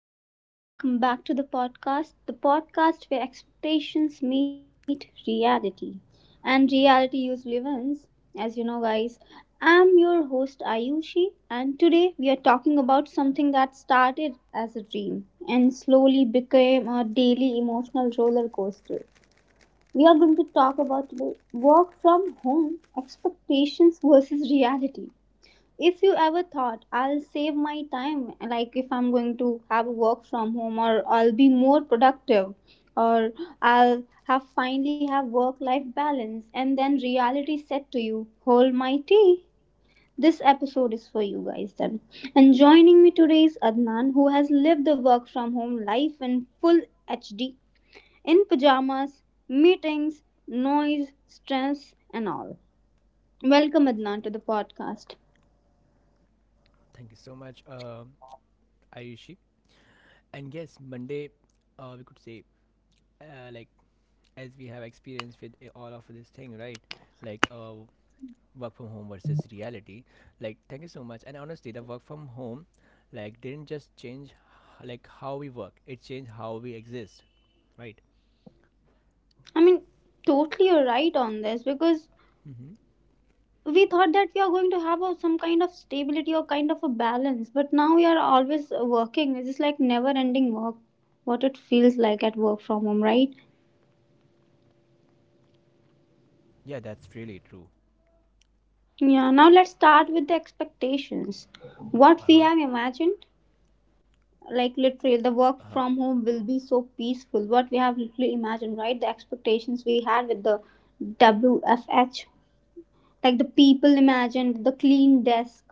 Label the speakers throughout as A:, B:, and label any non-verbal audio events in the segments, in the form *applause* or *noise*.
A: everyone, and welcome back to the podcast where expectations meet reality. And reality usually wins, as you know, guys. I'm your host, Ayushi, and today we are talking about something that started as a dream and slowly became a daily emotional roller coaster. We are going to talk about today work from home expectations versus reality. If you ever thought, I'll save my time, like if I'm going to have work from home, or I'll be more productive, or I'll have finally have work life balance, and then reality said to you, hold my tea, this episode is for you guys then. And joining me today is Adnan, who has lived the work from home life in full HD, in pajamas, meetings, noise, stress, and all. Welcome, Adnan, to the podcast.
B: Thank you so much, Ayushi. And yes, Monday, we could say, uh, like, as we have experience with all of this thing, right? Like, uh, work from home versus reality. Like, thank you so much. And honestly, the work from home, like, didn't just change, like, how we work. It changed how we exist, right?
A: I mean, totally you're right on this, because
B: Mm-hmm.
A: we thought that we are going to have a, some kind of stability or kind of a balance, but now we are always working. It's just like never ending work, what it feels like at work from home, right?
B: Yeah, that's really true.
A: Yeah, now let's start with the expectations. What
B: Uh
A: we
B: huh.
A: have imagined, like literally, the work
B: Uh huh.
A: from home will be so peaceful. What we have literally imagined, right? The expectations we had with the WFH, like the people imagined, the clean desk,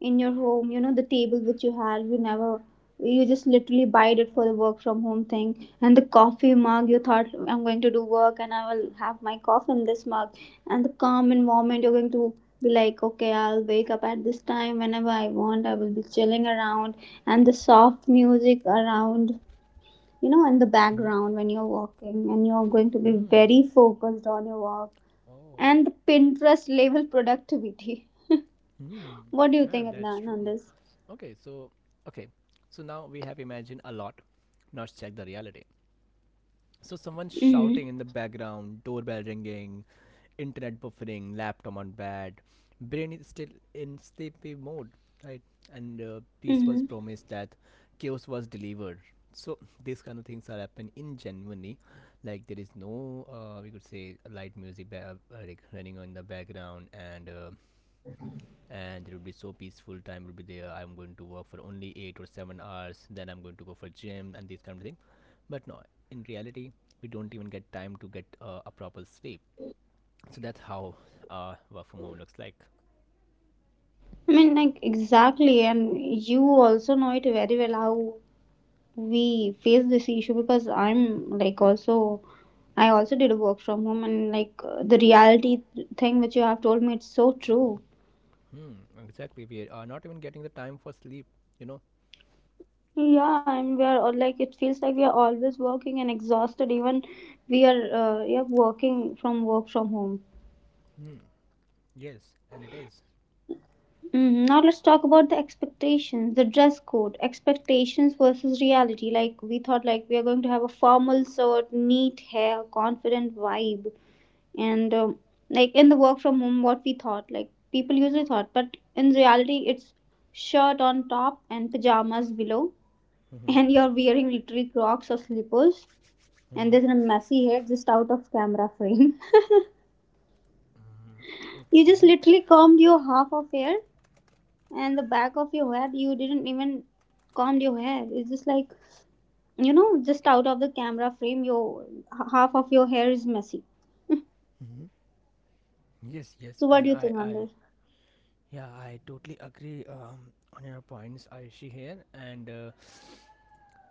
A: in your home, you know, the table which you had, you never, you just literally buyed it for the work from home thing, and the coffee mug, you thought, I'm going to do work and I will have my coffee in this mug, and the calm environment. You're going to be like, okay, I'll wake up at this time whenever I want, I will be chilling around, and the soft music around, you know, in the
B: Mm-hmm.
A: background, when you're walking, and you're going to be
B: Hmm.
A: very focused on your work,
B: Oh.
A: and the Pinterest level productivity. *laughs*
B: Hmm.
A: What do you
B: Yeah,
A: think,
B: that's
A: Adnan,
B: true.
A: on this?
B: Okay, so okay, so now we have imagined a lot. Now check the reality. So someone
A: Mm-hmm.
B: shouting in the background, doorbell ringing, internet buffering, laptop on bed, brain is still in sleepy mode, right? And peace was
A: Mm-hmm.
B: promised that chaos was delivered. So these kind of things are happening in genuinely, like there is no we could say light music like running on the background. And it would be so peaceful, time will be there, I'm going to work for only 8 or 7 hours, then I'm going to go for gym and these kind of thing. But no, in reality we don't even get time to get a proper sleep. So that's how work from home looks like.
A: I mean, like, exactly. And you also know it very well how we face this issue, because I'm like also, I also did work from home, and the reality thing which you have told me, it's so true.
B: Hmm. Exactly, we are not even getting the time for sleep, you know.
A: Yeah, and we are all like, it feels like we are always working and exhausted, even we are, yeah, working from work from home.
B: Hmm. Yes, and it is.
A: Mhm. Now let's talk about the expectations, the dress code, expectations versus reality. Like we thought, like we are going to have a formal suit, neat hair, confident vibe, and like in the work from home, what we thought, like people usually thought, but in reality, it's shirt on top and pajamas below, *laughs* and
B: Mm-hmm.
A: you're wearing literally Crocs or slippers, and
B: Mm-hmm.
A: there's a messy hair just out of camera frame. *laughs* You just
B: Okay.
A: literally combed your half of hair, and the back of your head, you didn't even combed your hair. It's just like, you know, just out of the camera frame, your half of your hair is messy.
B: Hmm. Yes, yes,
A: So what
B: and
A: do you think on this?
B: yeah, I totally agree on your points, Aishi here, and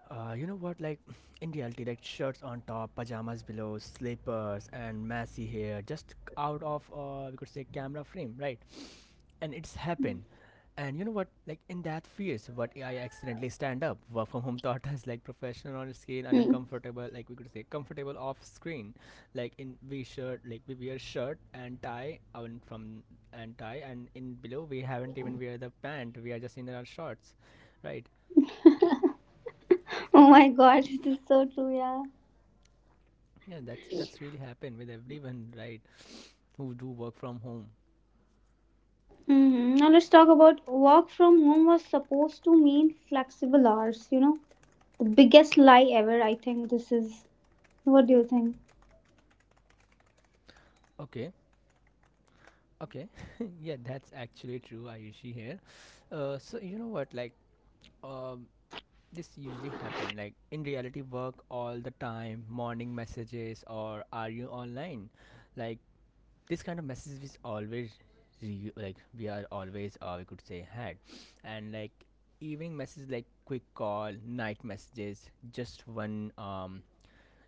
B: You know what? Like *sniffs* *laughs* in reality, like shirts on top, pajamas below, slippers, and messy hair just out of we could say camera frame, right? *sniffs* And it's happened. And you know what? Like in that phase, what I accidentally stand up. Work from home *laughs* thought as like professional on screen and
A: Hmm.
B: uncomfortable, like we could say comfortable off screen. Like in we shirt, like we wear shirt and tie, and from and tie, and in below we haven't even wear the pant. We are just in our shorts, right?
A: *laughs* Oh
B: Exactly.
A: my god. *laughs* This is so true. Yeah.
B: Yeah, that's really happened with everyone, right? Who do work from home.
A: Hmm. Now let's talk about, work from home was supposed to mean flexible hours, you know? The biggest lie ever, I think this is. What do you think?
B: Okay, okay, *laughs* yeah, that's actually true. Ayushi here. So you know what, like, um, this usually happen. Like in reality, work all the time, morning messages or are you online? Like this kind of message is always, like we are always, or we could say had, and like evening messages like quick call, night messages, just one um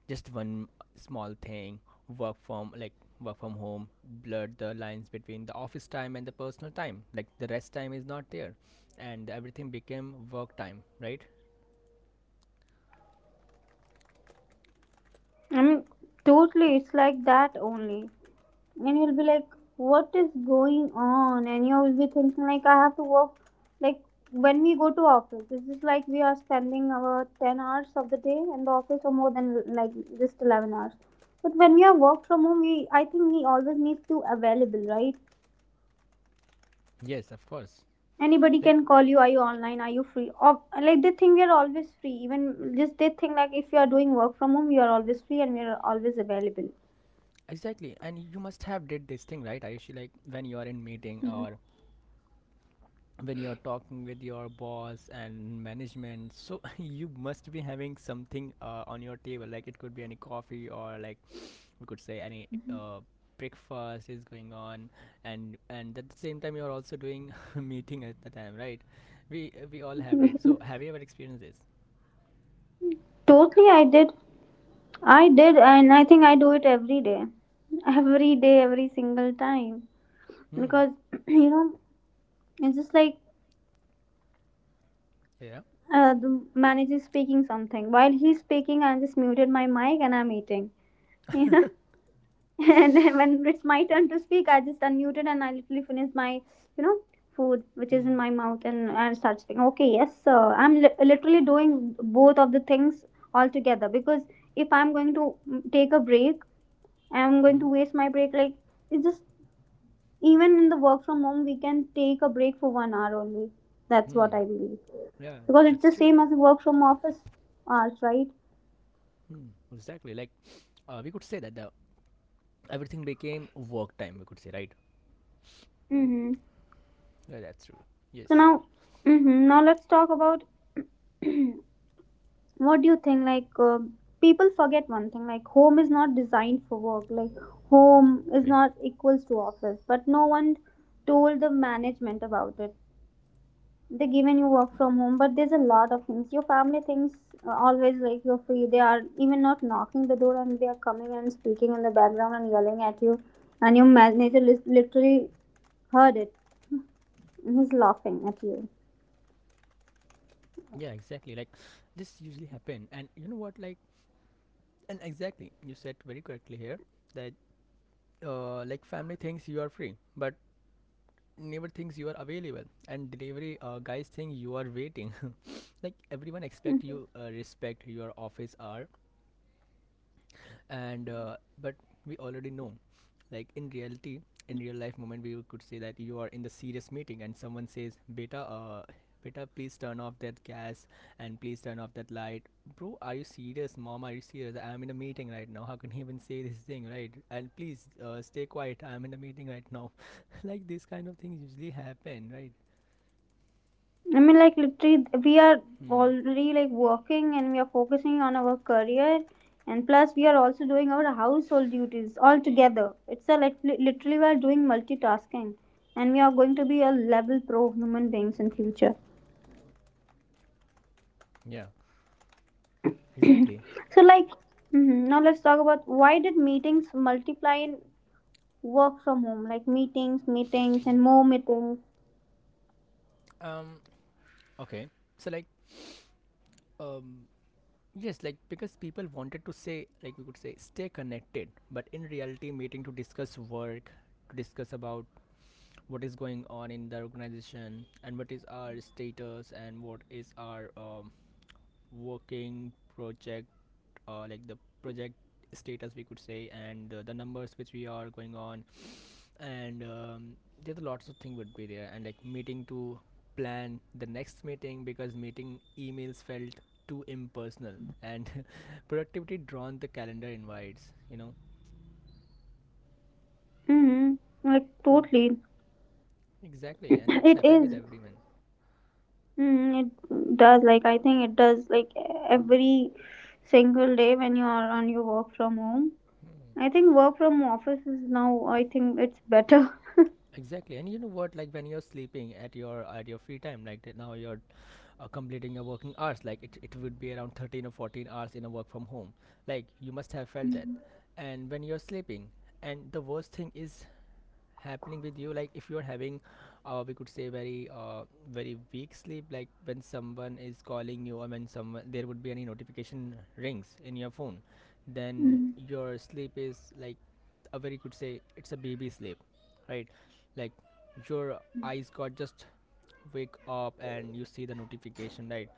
B: just one small thing. work from like work from home blurred the lines between the office time and the personal time, like the rest time is not there, and everything became work time, right?
A: I mean, totally, it's like that only. And you'll be like, what is going on, and you'll be thinking like, I have to work. Like when we go to office, it's just like we are spending our 10 hours of the day in the office, or more than like just 11 hours. But when we are work from home, we, I think, we always need to available, right?
B: Yes, of course.
A: Anybody
B: Like
A: can call, you are you online, are you free, or like they think we are always free. Even just they think, like, if you are doing work from home, you are always free, and we are always available.
B: exactly, and you must have did this thing, right? I usually like when you are in meeting
A: Mhm.
B: or when you're talking with your boss and management, so *laughs* you must be having something on your table, like it could be any coffee or like we could say any breakfast is going on, and at the same time you're also doing *laughs* meeting at the time, right? We all have it, so have you ever experienced this?
A: Totally, I did. I did, and I think I do it every day, every day, every single time.
B: Hmm.
A: Because *clears throat* you know, it's just like
B: Yeah.
A: the manager is speaking something. While he's speaking, I just muted my mic and I'm eating. You know, *laughs* and then when it's my turn to speak, I just unmuted and I literally finish my, you know, food which is in
B: Hmm.
A: my mouth, and I start speaking. Okay, yes, sir. I'm literally doing both of the things altogether. Because if I'm going to take a break, I'm going
B: Hmm.
A: to waste my break. Like, it's just, even in the work from home, we can take a break for 1 hour only. That's
B: Hmm.
A: what I believe,
B: Yeah,
A: because it's
B: that's
A: the
B: true.
A: same as work from office hours, right?
B: Hmm. Exactly, like, we could say that the everything became work time, we could say, right?
A: Mm-hmm.
B: Yeah, that's true.
A: So
B: Yes.
A: now, mm-hmm, now let's talk about, *clears throat* what do you think, people forget one thing, like, home is not designed for work, like, home is
B: Okay.
A: not equals to office, but no one told the management about it. They given you work from home, but there's a lot of things your family thinks, always, like you're free. They are even not knocking the door, and they are coming and speaking in the background and yelling at you, and your manager literally heard it, and he's laughing at you.
B: Yeah, exactly, like this usually happen. And you know what, like, and exactly, you said very correctly here that like family thinks you are free but never thinks you are available, and delivery guys think you are waiting. *laughs* Like everyone expect
A: Mhm.
B: you respect your office hour. And but we already know, like in reality, in real life moment, we could say that you are in the serious meeting and someone says, beta beta please turn off that gas, and please turn off that light. Bro, are you serious? Mom, are you serious? I'm in a meeting right now. How can you even say this thing, right? And please stay quiet, I'm in a meeting right now. *laughs* Like these kind of things usually happen, right?
A: I mean, like literally, we are
B: Hmm.
A: already like working and we are focusing on our career, and plus we are also doing our household duties all together. It's a like literally we are doing multitasking, and we are going to be a level pro human beings in future.
B: Yeah. Exactly.
A: So, like, mhm, now let's talk about, why did meetings multiply in work from home? Like meetings, meetings, and more meetings.
B: Um. Okay. So like um. Yes, like because people wanted to say, like we could say, stay connected, but in reality, meeting to discuss work, to discuss about what is going on in the organization and what is our status and what is our working project, like the project status we could say, and the numbers which we are going on, and there's lots of thing would be there, and like meeting to plan the next meeting because meeting emails felt too impersonal, and *laughs* productivity drawn the calendar invites, you know.
A: Hmm. Like
B: Mm.
A: totally. *clears throat*
B: Exactly, and it's
A: It
B: happened with
A: is.
B: everyone.
A: Mhm, it does. Like I think it does. Like
B: Mm.
A: every single day when you are on your work from home. I
B: Mm.
A: think work from office is now. I think it's better. *laughs*
B: Exactly, and you know what, like when you're sleeping at your free time, like that, now you're completing your working hours, like it would be around 13 or 14 hours in a work from home, like you must have felt that. And when you're sleeping, and the worst thing is happening with you, like if you're having we could say very very weak sleep, like when someone is calling you or when someone, there would be any notification rings in your phone, then
A: Mhm.
B: your sleep is like a very, could say it's a baby sleep, right? Like your eyes got just wake up and you see the notification, right?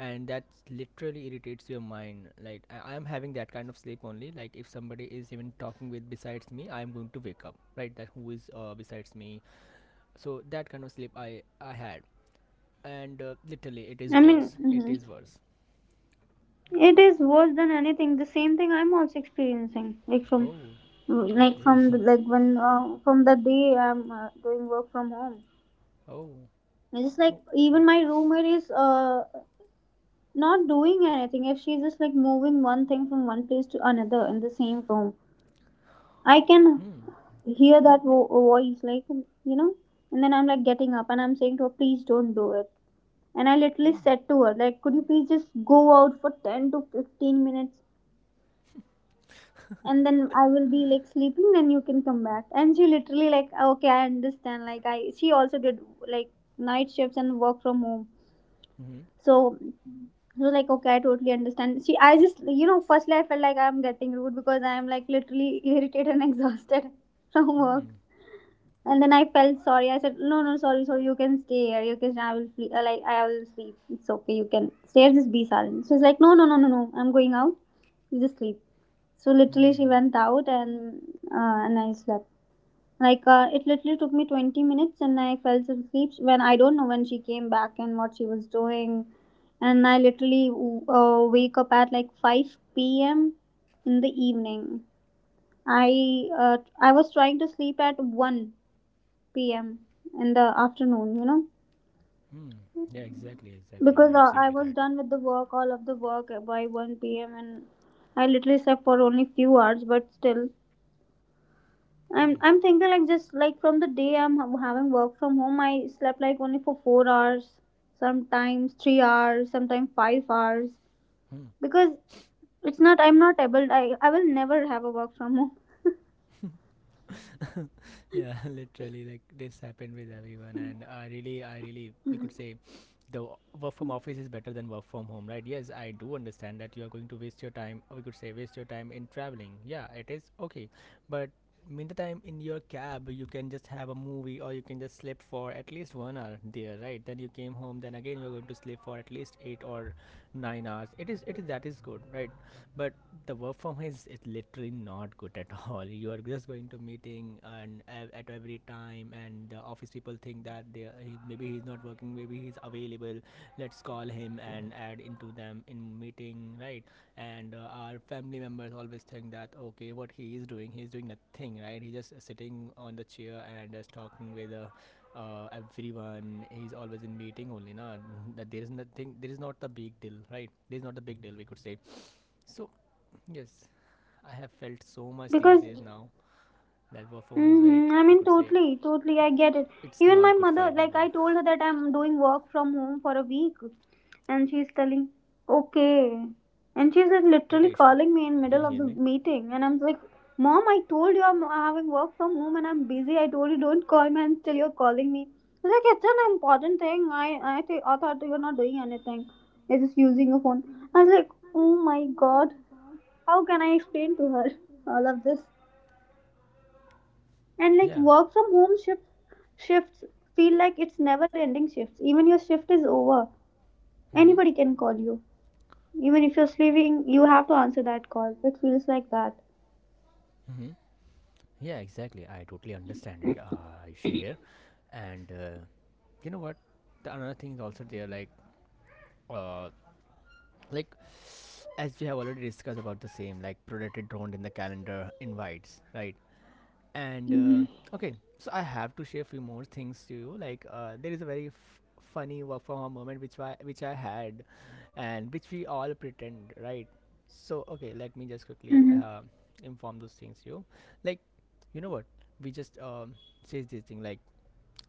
B: And that literally irritates your mind, like I am having that kind of sleep only, like if somebody is even talking with besides me, I am going to wake up, right? That who is besides me. So that kind of sleep I had, and literally it
A: I
B: is
A: mean.
B: worse, it
A: Mhm.
B: is worse.
A: It is worse than anything. The same thing I'm also experiencing.
B: Oh.
A: Like
B: Okay.
A: from the,
B: *laughs*
A: like when from the day I'm doing work from home.
B: Oh.
A: It's just like
B: Oh,
A: even
B: okay.
A: my roommate is not doing anything. If she's just like moving one thing from one place to another in the same room, I can
B: Hmm.
A: hear that voice, like, you know. And then I'm like getting up and I'm saying to her, please don't do it. And I literally
B: Hmm.
A: said to her, like, could you please just go out for 10 to 15 minutes, and then I will be like sleeping, then you can come back. And she literally like, okay, I understand. Like, I, she also did like night shifts and work from home,
B: Hmm.
A: so she was like, okay, I totally understand. She, I just, you know, firstly I felt like I'm getting rude, because I'm like literally irritated and *laughs* exhausted from work.
B: Hmm.
A: And then I felt sorry. I said, no, no, sorry, sorry, you can stay here, you can, I will sleep, like, I will sleep, it's okay, you can stay here, just be silent. She's like, no, no, no, no, no, I'm going out, you just sleep. So literally,
B: Hmm.
A: she went out, and I slept. Like it literally took me 20 minutes, and I fell asleep when, I don't know when she came back and what she was doing. And I literally wake up at like five p.m. in the evening. I I was trying to sleep at one p.m. in the afternoon. You know,
B: Hmm. Yeah, exactly, exactly. You're
A: because I
B: absolutely
A: was
B: correct.
A: done with the work, all of the work by one p.m., and I literally slept for only few hours, but still I'm
B: Hmm.
A: I'm thinking like, just like from the day I'm having work from home, I slept like only for 4 hours, sometimes 3 hours, sometimes 5 hours,
B: Hmm.
A: because it's not, I'm not able. I will never have a work from home
B: Yeah, *laughs* literally, like this happened with everyone, and we could say, work from office is better than work from home, right? Yes, I do understand that you are going to waste your time. We could say waste your time in traveling. Yeah, it is okay, but meantime in your cab you can just have a movie or you can just sleep for at least 1 hour there, right? Then you came home, then again you're going to sleep for at least 8 or 9 hours. It is, it is, that is good, right? But the work from home is, it's literally not good at *laughs* all. You are just going to meeting and at every time, and the office people think that maybe he's not working, maybe he's available, let's call him and add into them in meeting, right? And our family members always think that okay, what he is doing? He is doing nothing, right? He's just sitting on the chair and just talking with everyone, he's always in meeting only na, that there is nothing, there is not the big deal, right? There is not a big deal, we could say. So yes, I have felt so much these
A: because.
B: days now that work from home is very,
A: Mm-hmm. I
B: we
A: mean,
B: could say,
A: totally, totally. I get it.
B: it's
A: Even my
B: not good for
A: mother, like,
B: everyone.
A: I
B: *laughs*
A: told her that I'm doing work from home for a week, and she's telling, okay. And she's like
B: Right,
A: literally
B: Ayushi?
A: calling me in
B: Can
A: middle
B: you
A: of
B: hear
A: the
B: me?
A: meeting, and I'm like, Mom, I told you I'm having work from home and I'm busy. I told you don't call me, and still you're calling me. She's like, it's an important thing. I thought you're not doing anything. You're just using your phone. I was like, oh my god, how can I explain to her *laughs* all of this? And like
B: Yeah.
A: work from home shifts, shifts feel like it's never ending shifts. Even your shift is over.
B: Mm-hmm.
A: Anybody can call you. Even if you're sleeping, you have to answer that call. It feels like that.
B: Mm-hmm. Yeah, exactly. I totally understand it, Ayushi here. And you know what? The another thing is also there, uh, like as we have already discussed about the same, like predator drone in the calendar invites, right? And
A: Mm-hmm.
B: okay, so I have to share a few more things to you, like there is a very funny work from home moment which I had, and which we all pretend, right? So okay, let me just quickly
A: Mm-hmm.
B: inform those things to you, like you know what, we just says this thing, like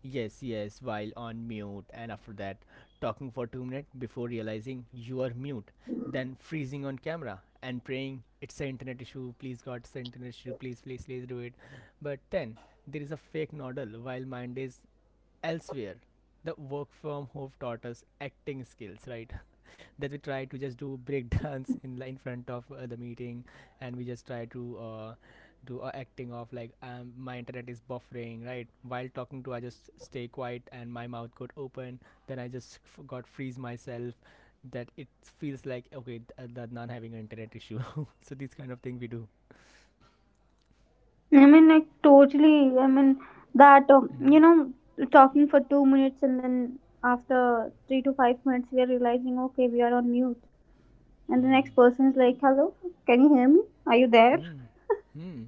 B: yes, yes, while on mute, and after that, talking for 2 minutes before realizing you are mute, then freezing on camera and praying, it's an internet issue, please God, it's an internet issue, please, please, please do it. But then there is a fake noddle while mind is elsewhere. The work from home taught us acting skills, right? That we try to just do breakdance *laughs* in front of the meeting, and we just try to do acting of like my internet is buffering, right, while talking to, I just stay quiet and my mouth got open, then I just got freeze myself, that it feels like okay, that not having an internet issue. *laughs* So this kind of thing we do.
A: I mean, like totally. I mean that,
B: Mm.
A: talking for 2 minutes and then after 3 to 5 minutes, we are realizing, okay, we are on mute, and the
B: Mm.
A: next person is like, "Hello, can you hear me? Are you there?"
B: Mm. Mm.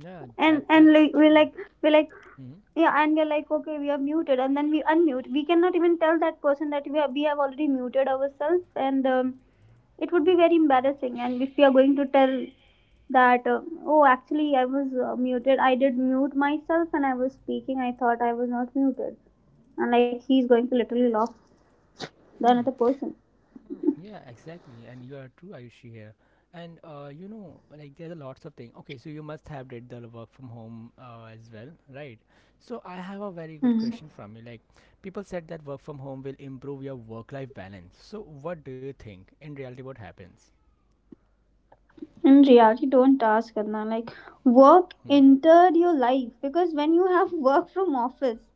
B: Yeah, that
A: And
B: that's
A: like, we're
B: true.
A: like we're like
B: Mm.
A: yeah, and we're like, okay, we are muted, and then we unmute. We cannot even tell that person that we have already muted ourselves, and it would be very embarrassing. And if we are going to tell that, oh, actually I was muted. I did mute myself, and I was speaking. I thought I was not muted. And like he's going to literally lock the another
B: Hmm.
A: person.
B: Yeah, exactly. And you are true, Ayushi here. And you know, like there's a lots of things. Okay, so you must have did the work from home as well, right? So I have a very good
A: Hmm.
B: question from you. People said that work from home will improve your work-life balance. So what do you think in reality? What happens?
A: In reality, don't ask Adnan. Like, work
B: Hmm.
A: entered your life because when you have work from office,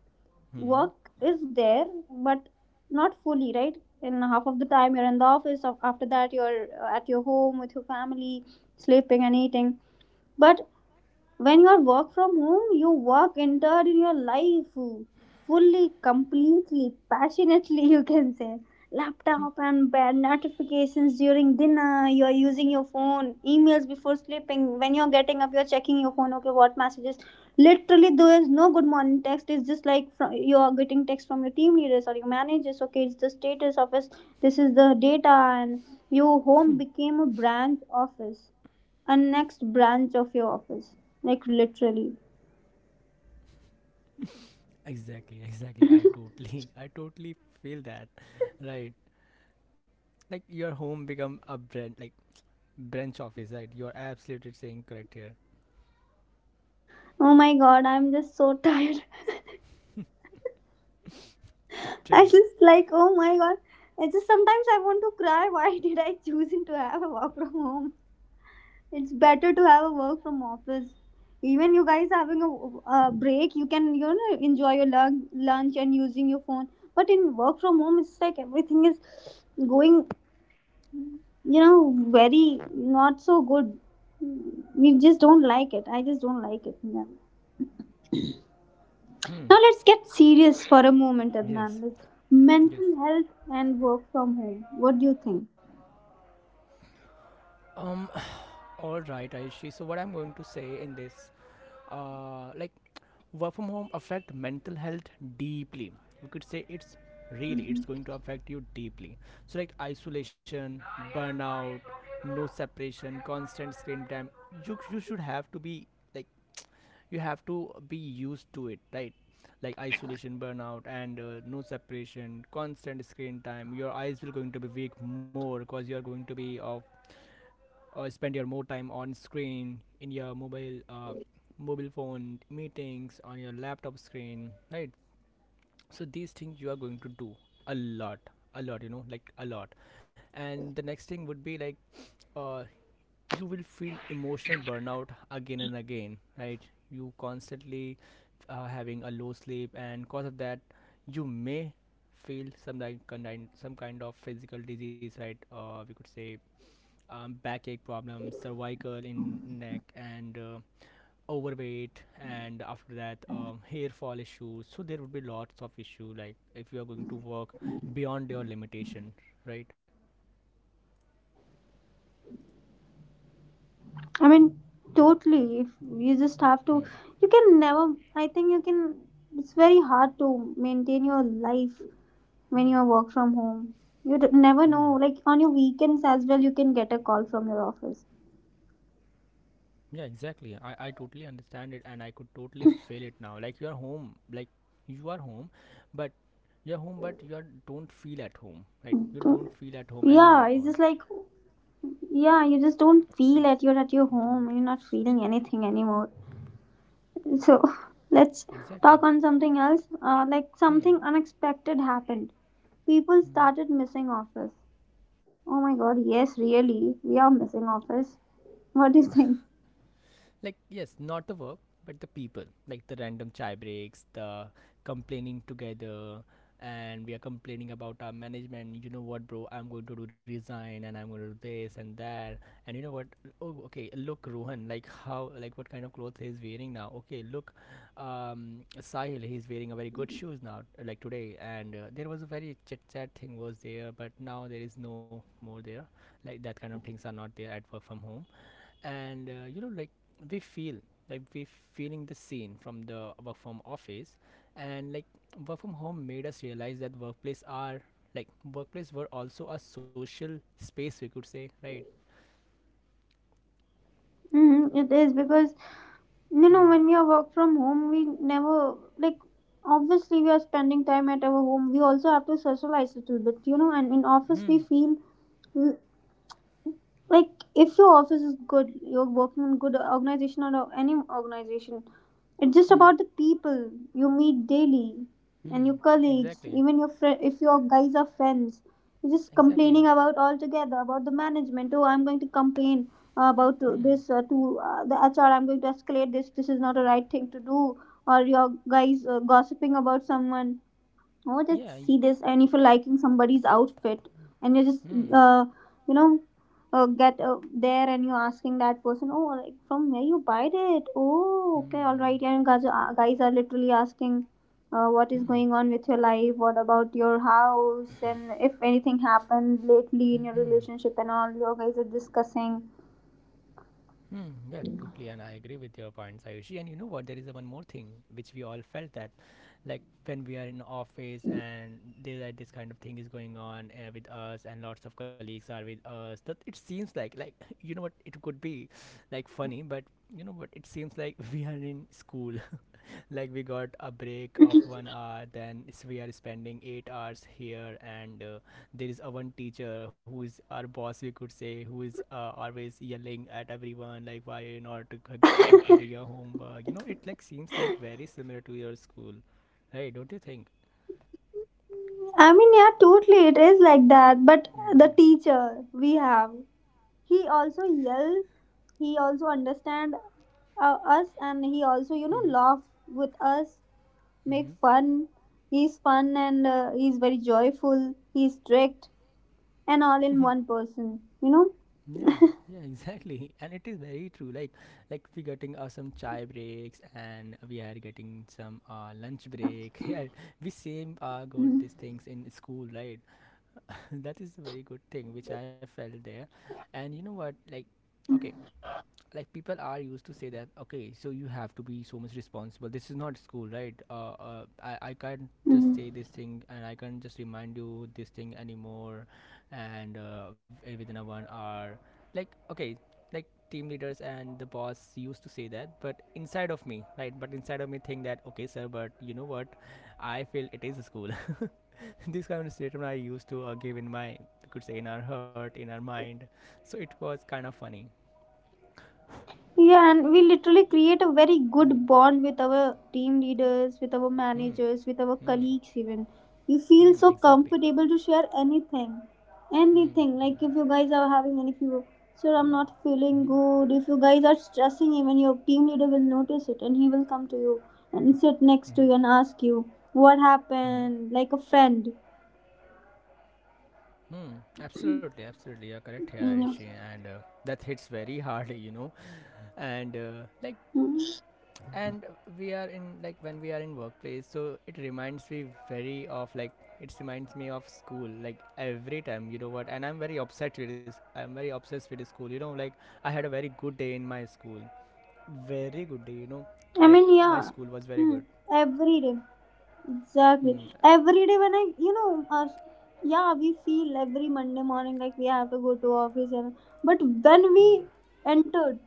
B: Hmm.
A: work is there but not fully, right? In half of the time you're in the office, after that you're at your home with your family sleeping and eating. But when you work from home, you work entered in your life fully, completely, passionately, you can say. Laptop and bad notifications during dinner, you're using your phone, emails before sleeping. When you're getting up, you're checking your phone, okay, what messages. Literally, there is no good morning text. It's just like, from, you're getting text from your team leaders or your managers, okay, it's the status office, this is the data, and your home became a branch office, a next branch of your office, like literally.
B: Exactly. *laughs* Exactly. I totally. *laughs* I totally feel that. Right. Like your home become a branch, like branch office, right? You're absolutely saying correct here.
A: Oh my god, I'm just so tired. *laughs* I
B: Literally.
A: just like, oh my god, I just sometimes I want to cry. *laughs* Why did I choose to have a work from home? It's better to have a work from office. Even you guys, having a break, you can enjoy your lunch and using your phone. But in work from home, it's like everything is going, very not so good. We just don't like it. I just don't like it, yeah.
B: Hmm.
A: Now let's get serious for a moment,
B: Yes.
A: Adnan. Like,
B: Yes.
A: mental health and work from home. What do you think?
B: Um. *sighs* *laughs* All right, Aishi. So what I'm going to say in this, uh, like, work from home affect mental health deeply. We could say it's really
A: Mhm.
B: it's going to affect you deeply. So like isolation, burnout, no separation, constant screen time. You should have to be like you have to be used to it, right? Like isolation, burnout, and no separation, constant screen time. Your eyes will going to be weak more because you are going to be of spend your more time on screen in your mobile mobile phone meetings on your laptop screen, right? So these things you are going to do a lot, a lot, you know, like a lot. And the next thing would be like uh, you will feel emotional burnout again and again, right? You constantly having a low sleep, and cause of that you may feel some kind some kind of physical disease, right? We could say backache problems, cervical in neck, and overweight, and after that hair fall issues. So there would be lots of issue like if you are going to work beyond your limitation, right?
A: I mean, totally. If you just have to,
B: Hmm.
A: you can never. I think you can. It's very hard to maintain your life when
B: Hmm.
A: you work from home. You never know. Like, on your weekends as well, you can get a call from your office.
B: Yeah, exactly. I totally understand it and I could totally feel it now. Like you are home, like you are home, but you're home, but don't feel at home, right? You don't
A: Do
B: feel at home
A: Yeah,
B: anymore.
A: it's just like, yeah, you just don't feel that you're at
B: We
A: your
B: do not
A: home. You're
B: give
A: not
B: so
A: feeling
B: much.
A: anything anymore. So *laughs* let's talk
B: Exactly.
A: on something else. Like,
B: Hmm.
A: something unexpected happened. People
B: Hmm.
A: started missing office. Oh my god, yes, really. We are missing office. What do you think?
B: Like yes, not the work, but the people, like the random chai breaks, the complaining together. And we are complaining about our management. You know what, bro, I'm going to do resign and I'm going to do this and that. And you know what? Oh okay, look, Rohan, like how, like what kind of clothes he's wearing now. Okay look, Sahil, he's wearing a very good shoes now like today. And there was a very chit chat thing was there, but now there is no more there. Like that kind of things are not there at work from home. And you know, like we feel like we feeling the scene from the work from office. And like work from home made us realize that workplace are like workplace were also a social space, we could say, right?
A: Mm-hmm, it is because,
B: Hmm.
A: when we are work from home, we never like, obviously, we are spending time at our home. We also have to socialize a little bit. And in office, we
B: Hmm.
A: feel like if your office is good, you're working in good organization or any organization. It's just
B: Hmm.
A: about the people you meet daily, and
B: Hmm.
A: your colleagues,
B: Exactly.
A: even your friend, if your guys are friends, you're just
B: Exactly.
A: complaining about altogether about the management. Oh, I'm going to complain about
B: Hmm.
A: this, to the H, am going to escalate this is not a right thing to do. Or your guys, gossiping about someone. Oh, just
B: yeah y-
A: see this. And if you're liking somebody's outfit, and you just
B: hmm.
A: uh, you know get there, and you're asking that person, oh, like, from where you buy it? Oh, okay, all right.
B: Hmm.
A: And guys, guys are literally asking what is
B: Hmm.
A: going on with your life, what about your house, and if anything happened lately in your
B: Hmm.
A: relationship and all, you guys are discussing.
B: Hmm, yeah, totally, and I agree with your points, Ayushi. And you know what? There is a one more thing which we all felt that, like when we are in office and there are this kind of thing is going on with us, and lots of colleagues are with us. That it seems like *laughs* you know what? It could be like funny, but you know what? It seems like *laughs* we are in school. *laughs* Like we got a break of 1 hour, then we are spending 8 hours here, and there is a one teacher who is our boss, we could say, who is always yelling at everyone, like why are you not completing your homework. You know, it like seems like very similar to your school, right? Don't you think?
A: I mean, yeah, totally. It is like that. But the
B: Mm.
A: teacher we have, he also yell. He also understand us, and he also,
B: Mm-hmm.
A: laugh with us, make
B: Mm-hmm.
A: fun. He's fun, and he's very joyful, he's strict, and all in one person you know
B: *laughs* Yeah. Yeah, exactly, and it is very true. Like we getting some chai breaks and we are getting some lunch break. *laughs* Yeah, we same got
A: Mhm.
B: these things in school, right? *laughs* That is a very good thing which I felt there. And you know what? Like, okay, like people are used to say that okay, so you have to be so much responsible, this is not school, right? I can't just
A: Mhm.
B: say this thing and I can't just remind you this thing anymore. And within a 1 hour, like okay, like team leaders and the boss used to say that. But inside of me, right, but inside of me think that okay sir, but you know what, I feel it is a school. *laughs* This kind of statement I used to give in my, you could say, in our heart, in our mind. So it was kind of funny.
A: Yeah, and we literally create a very
B: Hmm.
A: good bond with our team leaders, with our
B: Hmm.
A: managers, with our
B: Hmm.
A: colleagues, even. You feel
B: Hmm.
A: so
B: Exactly.
A: comfortable to share anything. Anything.
B: Hmm.
A: Like, if you guys are having any few, sir, I'm not
B: Hmm.
A: feeling good. If you guys are stressing, even your team leader will notice it, and he will come to you and sit next
B: Hmm.
A: to you and ask you what
B: Hmm.
A: happened, like a friend.
B: Hmm. Absolutely. Absolutely. You're correct here, Ayushi,
A: Yeah.
B: and that hits very *laughs* hard, you know. And like,
A: Mm.
B: and we are in like when we are in workplace, so it reminds me very of like it reminds me of school. Like every time, you know what? And I'm very obsessed with this. I'm very obsessed with school. You know, like I had a very good day in my school. Very good day. You know,
A: I
B: like
A: mean,
B: my
A: yeah.
B: school was very
A: Mm.
B: good.
A: Every day. Exactly.
B: Hmm.
A: Every day when I, yeah, we feel every Monday morning like we have to go to office, and but when
B: Hmm.
A: we entered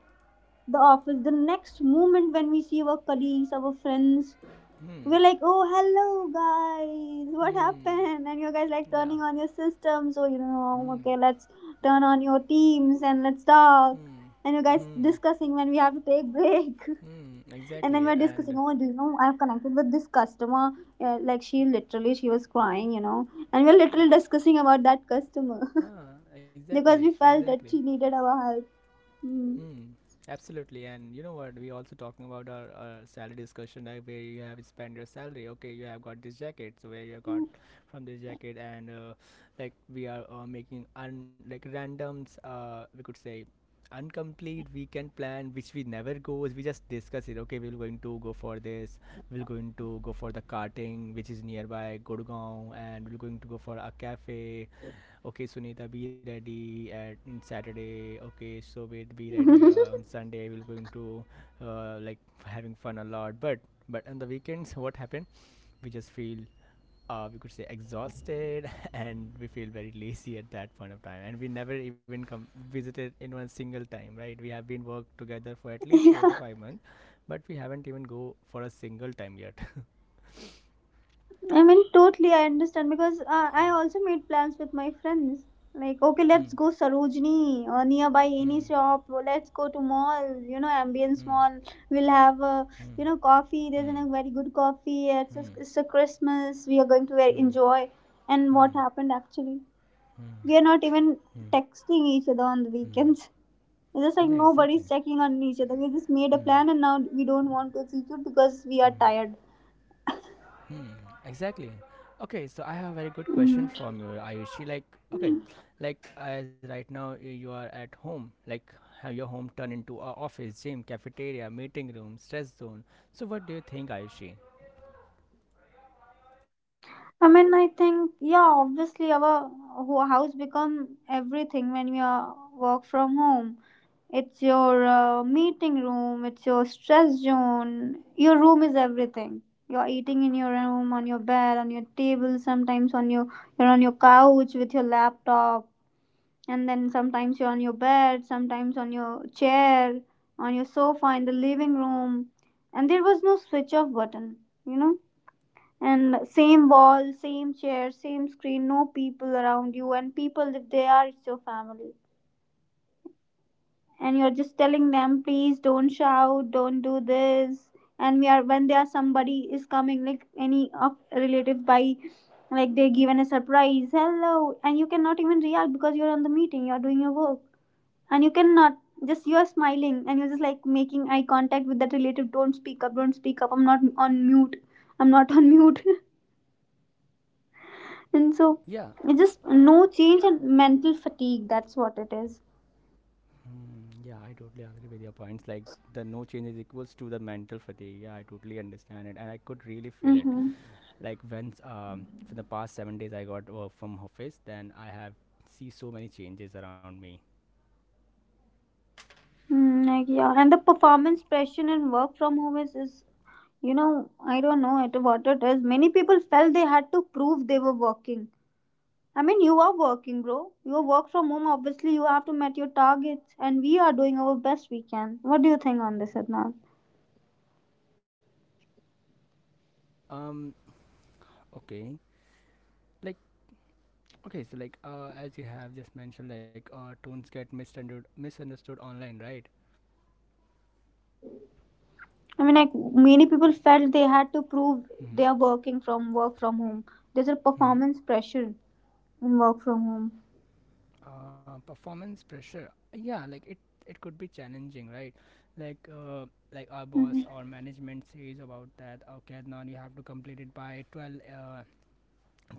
A: the office, the next moment when we see our colleagues, our friends,
B: Hmm.
A: we're like, oh, hello, guys, what
B: Hmm.
A: happened? And you guys like
B: Yeah.
A: turning on your systems, so,
B: Hmm.
A: okay, let's turn on your teams and let's talk.
B: Hmm.
A: And you guys
B: Hmm.
A: discussing when we have to take break. *laughs*
B: Hmm.
A: And then
B: Exactly.
A: we're discussing,
B: And
A: oh, do you know, I've connected with this customer. Like, she literally she was crying. And we're literally discussing about that customer.
B: ah,
A: *laughs*
B: exactly.
A: Because we felt
B: Exactly.
A: that she needed our help. Hmm.
B: Hmm. Absolutely. And you know what? We also talking about our salary discussion, like where you have spent your salary. Okay, you have got this jacket, so where you got from this jacket. And like we are making un like randoms. We could say incomplete weekend plan which we never goes, we just discuss it. Okay, we're going to go for this, we're going to go for the karting which is nearby Gurgaon, and we're going to go for a cafe. Okay, Sunita, be ready at in Saturday. Okay, so wait, be ready on Sunday we're going to like *laughs* having fun a lot. But on the weekends, what happened, we just feel we could say exhausted. *laughs* And we feel very lazy at that point of time, and we never even come visited in one single time, right? We have been worked together for at
A: *laughs*
B: least four to
A: Yeah.
B: five months but we haven't even go for a single time yet. *laughs*
A: I mean, totally, I understand because I also made plans with my friends. Like, okay,
B: Hmm.
A: let's go Sarojini or nearby
B: Hmm.
A: any shop. Or let's go to mall. You know, ambience
B: Hmm.
A: mall. We'll have,
B: Hmm.
A: coffee. There's
B: Hmm.
A: a very good coffee. It's a,
B: Hmm.
A: it's a Christmas. We are going to very
B: Hmm.
A: enjoy. And what
B: Hmm.
A: happened actually?
B: Hmm,
A: We are not even
B: hmm,
A: texting each other on the
B: hmm.
A: weekends. *laughs* It's just
B: Yeah,
A: like
B: exactly.
A: nobody's checking on each other. We just made a
B: Hmm,
A: plan, and now we don't want to execute because we are
B: hmm,
A: tired.
B: hmm. Exactly. Okay, so I have a very good
A: Mhm.
B: question from you, Ayushi. Like, okay, like as right now you are at home, like have your home turned into a office, gym, cafeteria, meeting room, stress zone. So what do you think, Ayushi?
A: I mean, I think yeah, obviously our house become everything when you are work from home. It's your meeting room, it's your stress zone. Your room is everything. You're eating in your room, on your bed, on your table, sometimes on your you're on your couch with your laptop, and then sometimes you're on your bed, sometimes on your chair, on your sofa in the living room. And there was no switch off button, you know? And same wall, same chair, same screen, no people around you. And people, if they are, it's your family, and you're just telling them, please don't shout, don't do this. And we are, when there somebody is coming, like any of relative by, like they given a surprise hello, and you cannot even react because you're on the meeting, you're doing your work, and you cannot, just you are smiling, and you're just like making eye contact with that relative, don't speak up, don't speak up, I'm not on mute, I'm not on mute. *laughs* And so
B: Yeah.
A: it's just no change and mental fatigue. That's what it is.
B: Hmm, yeah, I totally agree with your points. Like the no change is equals to the mental fatigue. Yeah, I totally understand it, and I could really feel
A: Mm-hmm.
B: it. Like when for the past 7 days I got work from office, then I have see so many changes around me.
A: Mm, like yeah, and the performance pressure and work from home is, I don't know it what it is. Many people felt they had to prove they were working. I mean, you are working, bro. You work from home. Obviously, you have to meet your targets, and we are doing our best we can. What do you think on this, Adnan?
B: Um, okay, like okay, so like as you have just mentioned, like tones get misunderstood online, right?
A: I mean, like many people felt they had to prove
B: Mm-hmm.
A: they are working from work from home. There's a
B: Mm-hmm.
A: performance pressure in work from home.
B: Performance pressure, yeah, like it could be challenging, right? Like uh, like our boss
A: Mhm.
B: or management says about that. Okay, now you have to complete it by twelve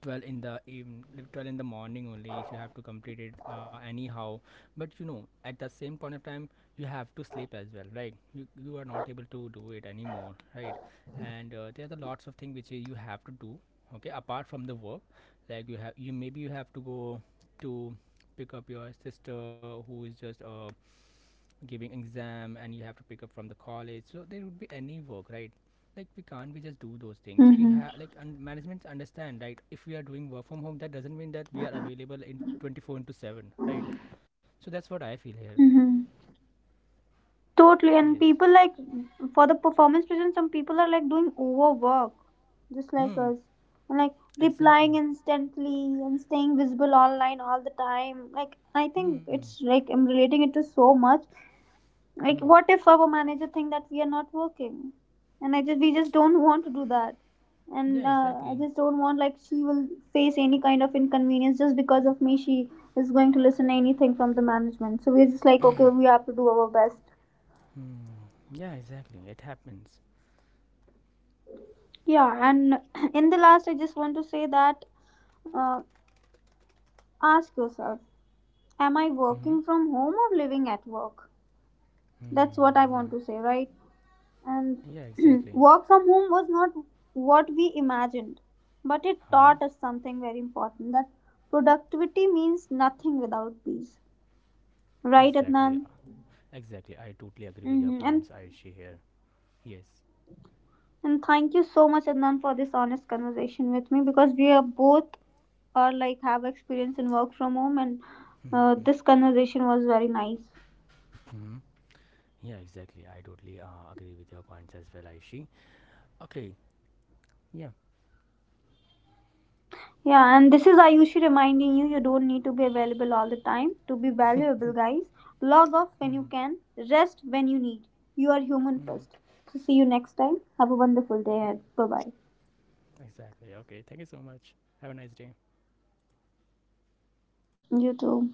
B: 12 in the even 12 in the morning only you have to complete it anyhow. But you know at the same point of time you have to sleep as well, right? You are not able to do it anymore, right? And there are the lots of things which you have to do, okay, apart from the work. Like you have you maybe you have to go to pick up your sister who is just giving exam and you have to pick up from the college, so there would be any work, right? Like we can't we just do those things we
A: Mhm.
B: have like, and management understand, right? If we are doing work from home, that doesn't mean that we are available in 24 into 7, right? So that's what I feel here.
A: Mhm. Totally.
B: Yes.
A: And people, like, for the performance prison, some people are like doing overwork, just like
B: Hmm.
A: us, and like
B: Exactly.
A: replying instantly and staying visible online all the time. Like, I think
B: Hmm.
A: it's like I'm relating it to so much.
B: Hmm.
A: Like, what if our manager think that we are not working, and I just we just don't want to do that,
B: Yeah,
A: and I
B: exactly.
A: just don't want like she will face any kind of inconvenience just because of me. She is going to listen anything from the management. So we're just like, okay, we have to do our best.
B: Hmm. Yeah, exactly, it happens.
A: Yeah, and *clears throat* in the last, I just want to say that, uh, ask yourself, am I
B: Hmm.
A: working from home or living at work? That's what I
B: Hmm.
A: want
B: Yeah.
A: to say, right? And
B: Yeah,
A: *clears throat*
B: exactly.
A: work from home was not what we imagined, but it
B: Huh.
A: taught us something very important, that productivity means nothing without peace. Right,
B: Exactly.
A: Adnan?
B: Exactly, I totally agree with your
A: Hmm. And
B: points, Ayushi here. Yes.
A: and thank you so much, Adnan, for this honest conversation with me because we are both are like, have experience in work from home, and
B: Hmm.
A: this conversation was very nice.
B: Hmm. Yeah, exactly. I totally agree with your points as well, Aishi. Okay, yeah.
A: Yeah, and this is Ayushi reminding you, you don't need to be available all the time to be valuable, guys. Log off when you can, rest when you need. You are human first.
B: Mm-hmm.
A: So, see you next time. Have a wonderful day ahead. Bye bye.
B: Exactly. Okay, thank you so much. Have a nice day.
A: You too.